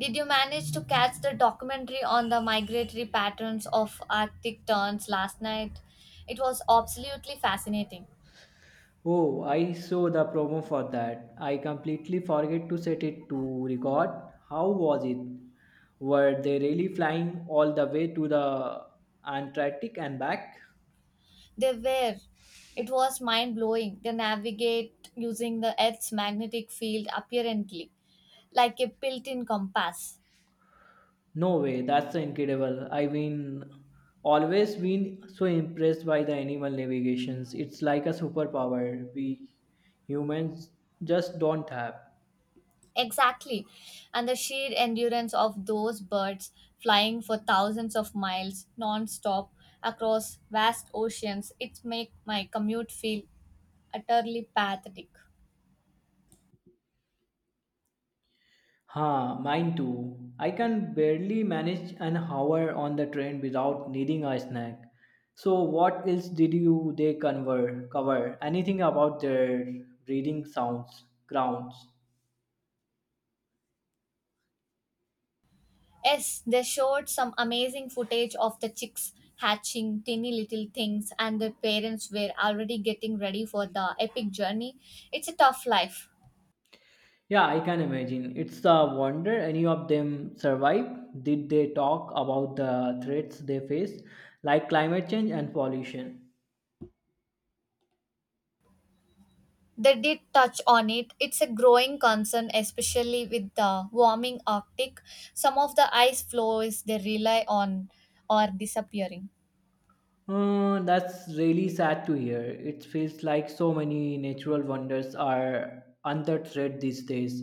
Did you manage to catch the documentary on the migratory patterns of Arctic terns last night? It was absolutely fascinating. Oh, I saw the promo for that. I completely forget to set it to record. How was it? Were they really flying all the way to the Antarctic and back? They were. It was mind blowing. They navigate using the Earth's magnetic field apparently, like a built in compass. No way, that's incredible. I've been always been so impressed by the animal navigations. It's like a superpower we humans just don't have. Exactly. And the sheer endurance of those birds flying for thousands of miles non stop across vast oceans, it makes my commute feel utterly pathetic. Huh, mine too. I can barely manage an hour on the train without needing a snack. So, what else did you they conver cover? Anything about their breeding grounds? Yes, they showed some amazing footage of the chicks hatching tiny little things, and their parents were already getting ready for the epic journey. It's a tough life. Yeah, I can imagine. It's a wonder any of them survived. Did they talk about the threats they face, like climate change and pollution? They did touch on it. It's a growing concern, especially with the warming Arctic. Some of the ice floes they rely on are disappearing. That's really sad to hear. It feels like so many natural wonders are under threat these days.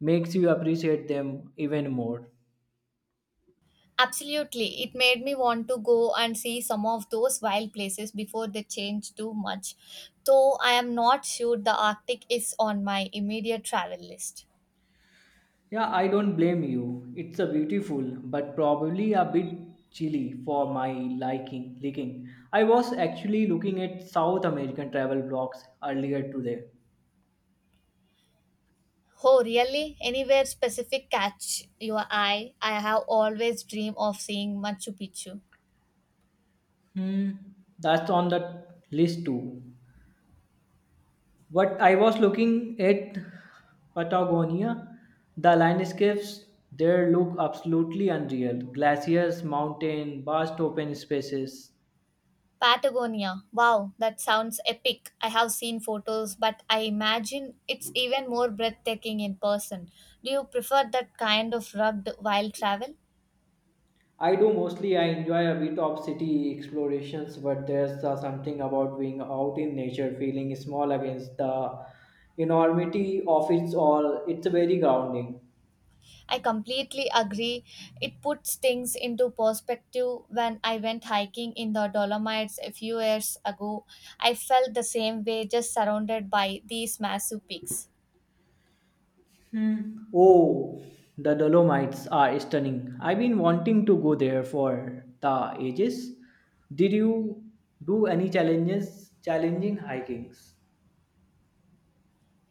Makes you appreciate them even more. Absolutely. It made me want to go and see some of those wild places before they change too much. Though I am not sure the Arctic is on my immediate travel list. Yeah, I don't blame you. It's a beautiful, but probably a bit chilly for my liking. Liking. I was actually looking at South American travel blogs earlier today. Oh, really? Anywhere specific catch your eye? I have always dreamed of seeing Machu Picchu. Hmm, that's on the list too. What I was looking at Patagonia, the landscapes there look absolutely unreal. Glaciers, mountain, vast open spaces. Patagonia. Wow, that sounds epic. I have seen photos, but I imagine it's even more breathtaking in person. Do you prefer that kind of rugged wild travel? I do mostly I enjoy a bit of city explorations, but there's something about being out in nature, feeling small against the enormity of its all. It's very grounding. I completely agree. It puts things into perspective. When I went hiking in the Dolomites a few years ago, I felt the same way, just surrounded by these massive peaks. Hmm. Oh, the Dolomites are stunning. I've been wanting to go there for the ages. Did you do any challenging hikings?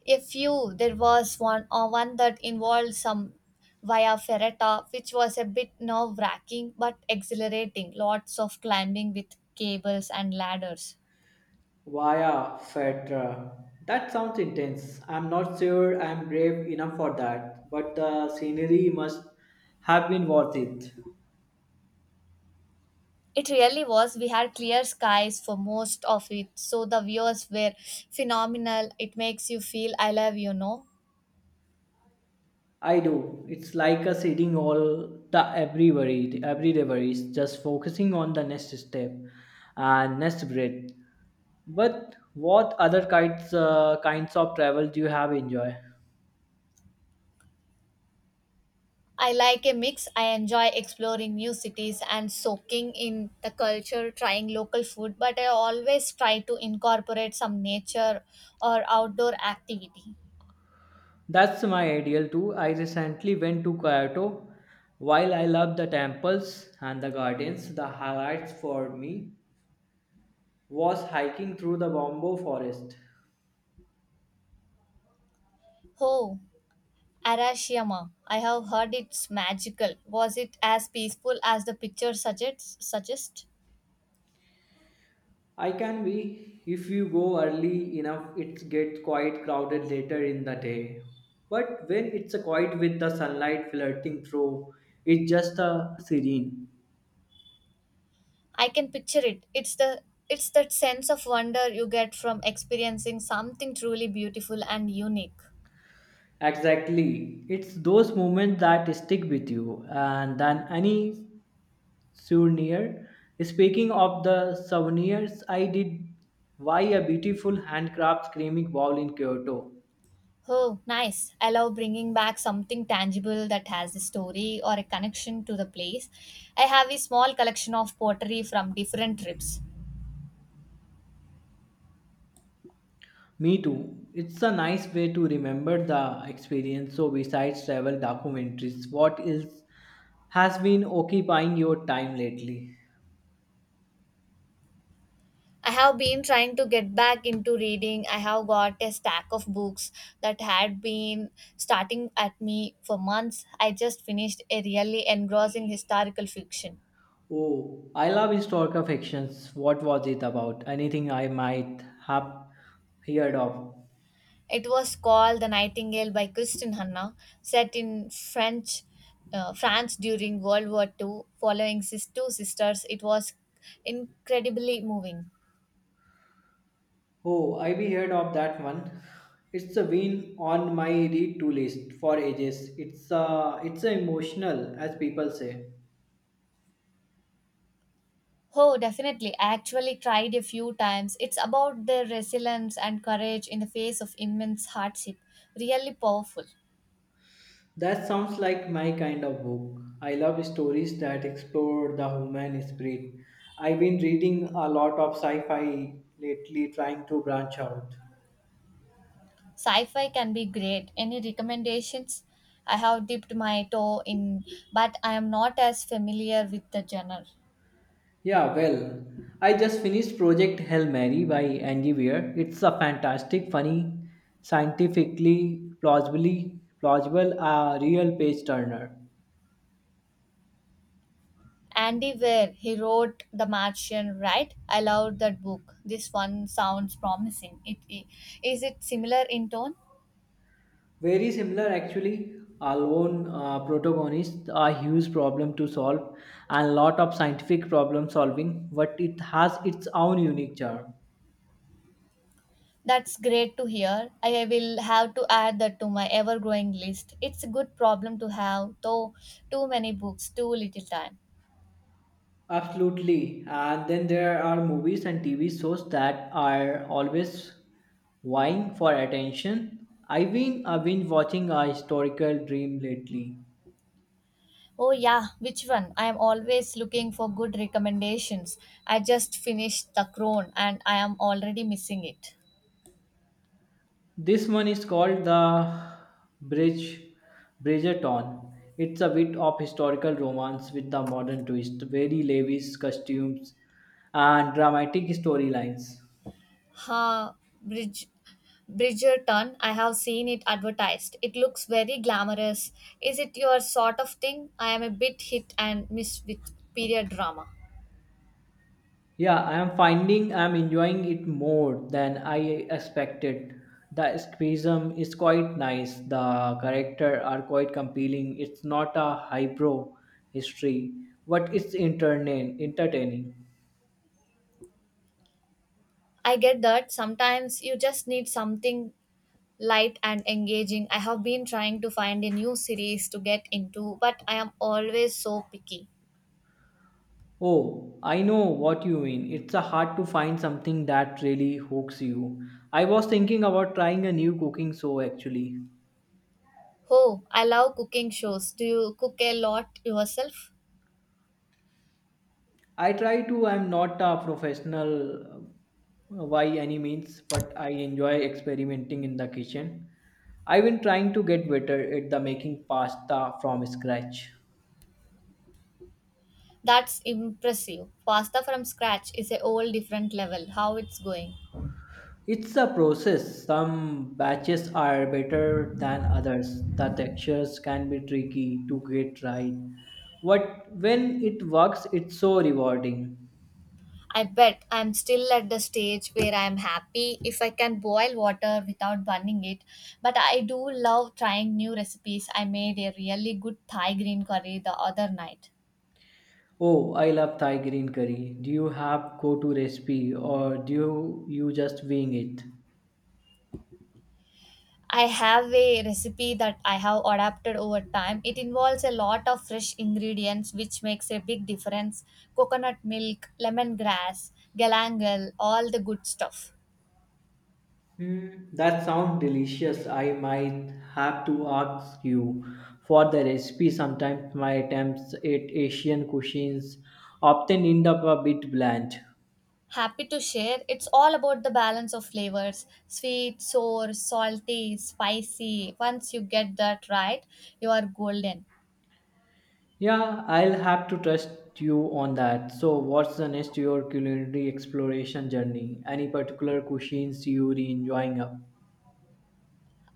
A few, there was one, one that involved some via ferrata, which was a bit nerve wracking but exhilarating. Lots of climbing with cables and ladders. Via Fetra. That sounds intense. I'm not sure I'm brave enough for that, but the scenery must have been worth it. It really was. We had clear skies for most of it, so the views were phenomenal. It makes you feel alive, you know. I do. It's like us sitting all the every worry, every day worries, just focusing on the next step and next breath. But what other kinds of travel do you have enjoy? I like a mix. I enjoy exploring new cities and soaking in the culture, trying local food, but I always try to incorporate some nature or outdoor activity. That's my ideal too. I recently went to Kyoto. While I love the temples and the gardens, the highlights for me was hiking through the bamboo forest. Oh, Arashiyama. I have heard it's magical. Was it as peaceful as the picture suggests? Suggest? I can be. If you go early enough, it gets quite crowded later in the day. But when it's a quiet with the sunlight flirting through, it's just a serene. I can picture it. It's the it's that sense of wonder you get from experiencing something truly beautiful and unique. Exactly. It's those moments that stick with you and than any souvenir. Speaking of the souvenirs, I did buy a beautiful handcraft ceramic bowl in Kyoto. Oh, nice. I love bringing back something tangible that has a story or a connection to the place. I have a small collection of pottery from different trips. Me too. It's a nice way to remember the experience. So, besides travel documentaries, what else has been occupying your time lately? I have been trying to get back into reading. I have got a stack of books that had been starting at me for months. I just finished a really engrossing historical fiction. Oh, I love historical fictions. What was it about? Anything I might have heard of? It was called The Nightingale by Kristin Hanna, set in French France during World War II, following two sisters. It was incredibly moving. Oh, I have heard of that one. It's a been on my read to list for ages. It's a emotional, as people say. Oh, definitely. I actually tried a few times. It's about their resilience and courage in the face of immense hardship. Really powerful. That sounds like my kind of book. I love stories that explore the human spirit. I've been reading a lot of sci fi lately, trying to branch out. Sci fi can be great. Any recommendations? I have dipped my toe in, but I am not as familiar with the genre. Yeah, well, I just finished Project Hail Mary by Angie Weir. It's a fantastic, funny, scientifically plausibly plausible, a real page turner. Andy Weir, he wrote The Martian, right? I love that book. This one sounds promising. It similar in tone? Very similar, actually. Our lone protagonists are huge problem to solve and lot of scientific problem solving, but it has its own unique charm. That's great to hear. I will have to add that to my ever growing list. It's a good problem to have, though too many books, too little time. Absolutely. And then there are movies and TV shows that are always vying for attention. I've been watching a historical dream lately. Oh, yeah, which one? I am always looking for good recommendations. I just finished The Crown and I am already missing it. This one is called the Bridge Bridgerton. It's a bit of historical romance with the modern twist, very lavish costumes and dramatic storylines. Ha, Bridge, Bridgerton. I have seen it advertised. It looks very glamorous. Is it your sort of thing? I am a bit hit and miss with period drama. Yeah, I am finding I am enjoying it more than I expected. The escapism is quite nice. The character are quite compelling. It's not a highbrow history, but it's entertaining. I get that. Sometimes you just need something light and engaging. I have been trying to find a new series to get into, but I am always so picky. Oh, I know what you mean. It's a hard to find something that really hooks you. I was thinking about trying a new cooking show actually. Oh, I love cooking shows. Do you cook a lot yourself? I try to, I'm not a professional by any means, but I enjoy experimenting in the kitchen. I've been trying to get better at the making pasta from scratch. That's impressive. Pasta from scratch is a whole different level. How it's going? It's a process. Some batches are better than others. The textures can be tricky to get right. But when it works, it's so rewarding. I bet I'm still at the stage where I'm happy if I can boil water without burning it. But I do love trying new recipes. I made a really good Thai green curry the other night. Oh, I love Thai green curry. Do you have go-to recipe or do you just wing it? I have a recipe that I have adapted over time. It involves a lot of fresh ingredients, which makes a big difference coconut milk, lemongrass, galangal, all the good stuff. Hmm, that sounds delicious. I might have to ask you for the recipe. Sometimes my attempts at Asian cuisines often end up a bit bland. Happy to share. It's all about the balance of flavors sweet, sour, salty, spicy. Once you get that right, you are golden. Yeah, I'll have to trust you on that. So, what's the next to your culinary exploration journey? Any particular cuisines you're enjoying up?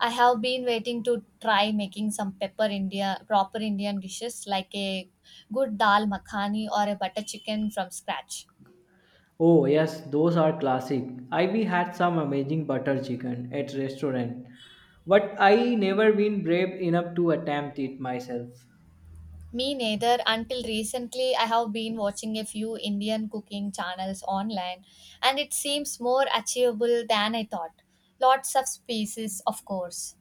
I have been waiting to try making some pepper India proper Indian dishes like a good dal makhani or a butter chicken from scratch. Oh, yes, those are classic. I we had some amazing butter chicken at restaurant, but I never been brave enough to attempt it myself. Me neither. Until recently, I have been watching a few Indian cooking channels online, and it seems more achievable than I thought. Lots of species, of course.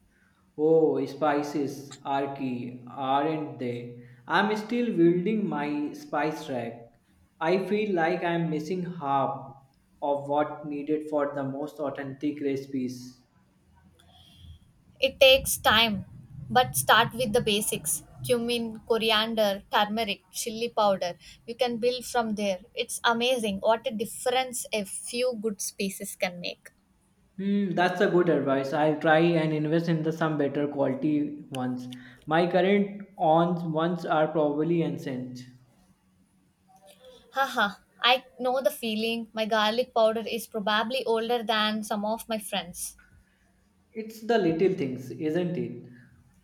Oh, spices are key, aren't they? I'm still building my spice rack. I feel like I'm missing half of what needed for the most authentic recipes. It takes time, but start with the basics cumin, coriander, turmeric, chili powder. You can build from there. It's amazing what a difference a few good spices can make. Hmm, that's a good advice. I'll try and invest in the some better quality ones. My current ons ones are probably ancient. Haha, I know the feeling. My garlic powder is probably older than some of my friends. It's the little things, isn't it?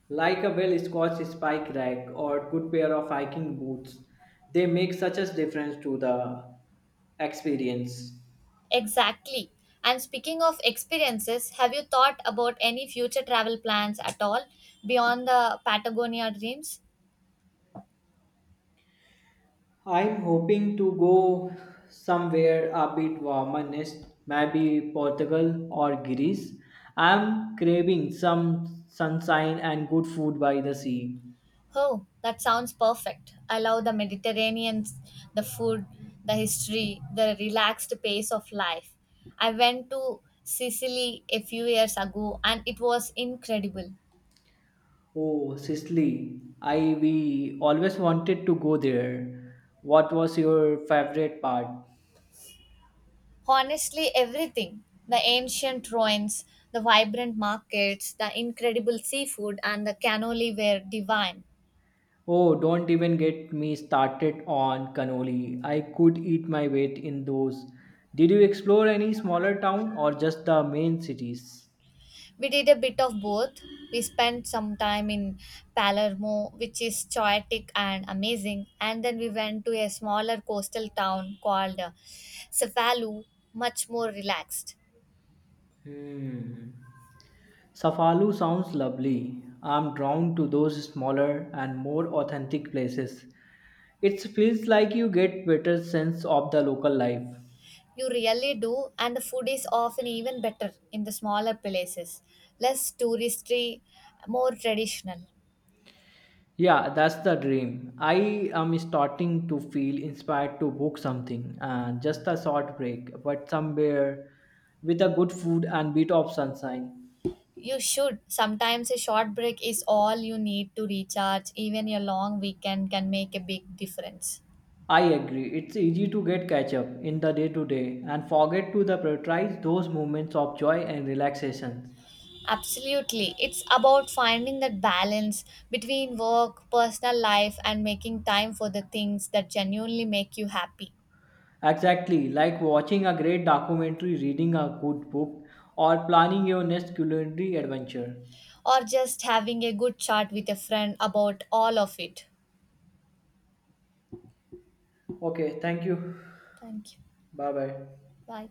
Like a well scotched spike rack or good pair of hiking boots. They make such a difference to the experience. Exactly. And speaking of experiences, have you thought about any future travel plans at all beyond the Patagonia dreams? I'm hoping to go somewhere a bit warmer next, maybe Portugal or Greece. I'm craving some sunshine and good food by the sea. Oh, that sounds perfect. I love the Mediterranean, the food, the history, the relaxed pace of life. I went to Sicily a few years ago and it was incredible. Oh, Sicily. I we always wanted to go there. What was your favorite part? Honestly, everything the ancient ruins, the vibrant markets, the incredible seafood, and the cannoli were divine. Oh, don't even get me started on cannoli. I could eat my weight in those. Did you explore any smaller town or just the main cities? We did a bit of both. We spent some time in Palermo, which is chaotic and amazing, and then we went to a smaller coastal town called Cefalu, much more relaxed. Hmm. Safalu sounds lovely. I'm drawn to those smaller and more authentic places. It feels like you get better sense of the local life. You really do, and the food is often even better in the smaller places, less touristy, more traditional. Yeah, that's the dream. I am starting to feel inspired to book something and just a short break, but somewhere with a good food and bit of sunshine. You should. Sometimes a short break is all you need to recharge. Even a long weekend can make a big difference. I agree. It's easy to get catch up in the day to day and forget to the prioritize those moments of joy and relaxation. Absolutely. It's about finding that balance between work, personal life, and making time for the things that genuinely make you happy. Exactly, like watching a great documentary, reading a good book, or planning your next culinary adventure. Or just having a good chat with a friend about all of it. Okay, thank you. Thank you. Bye bye. Bye.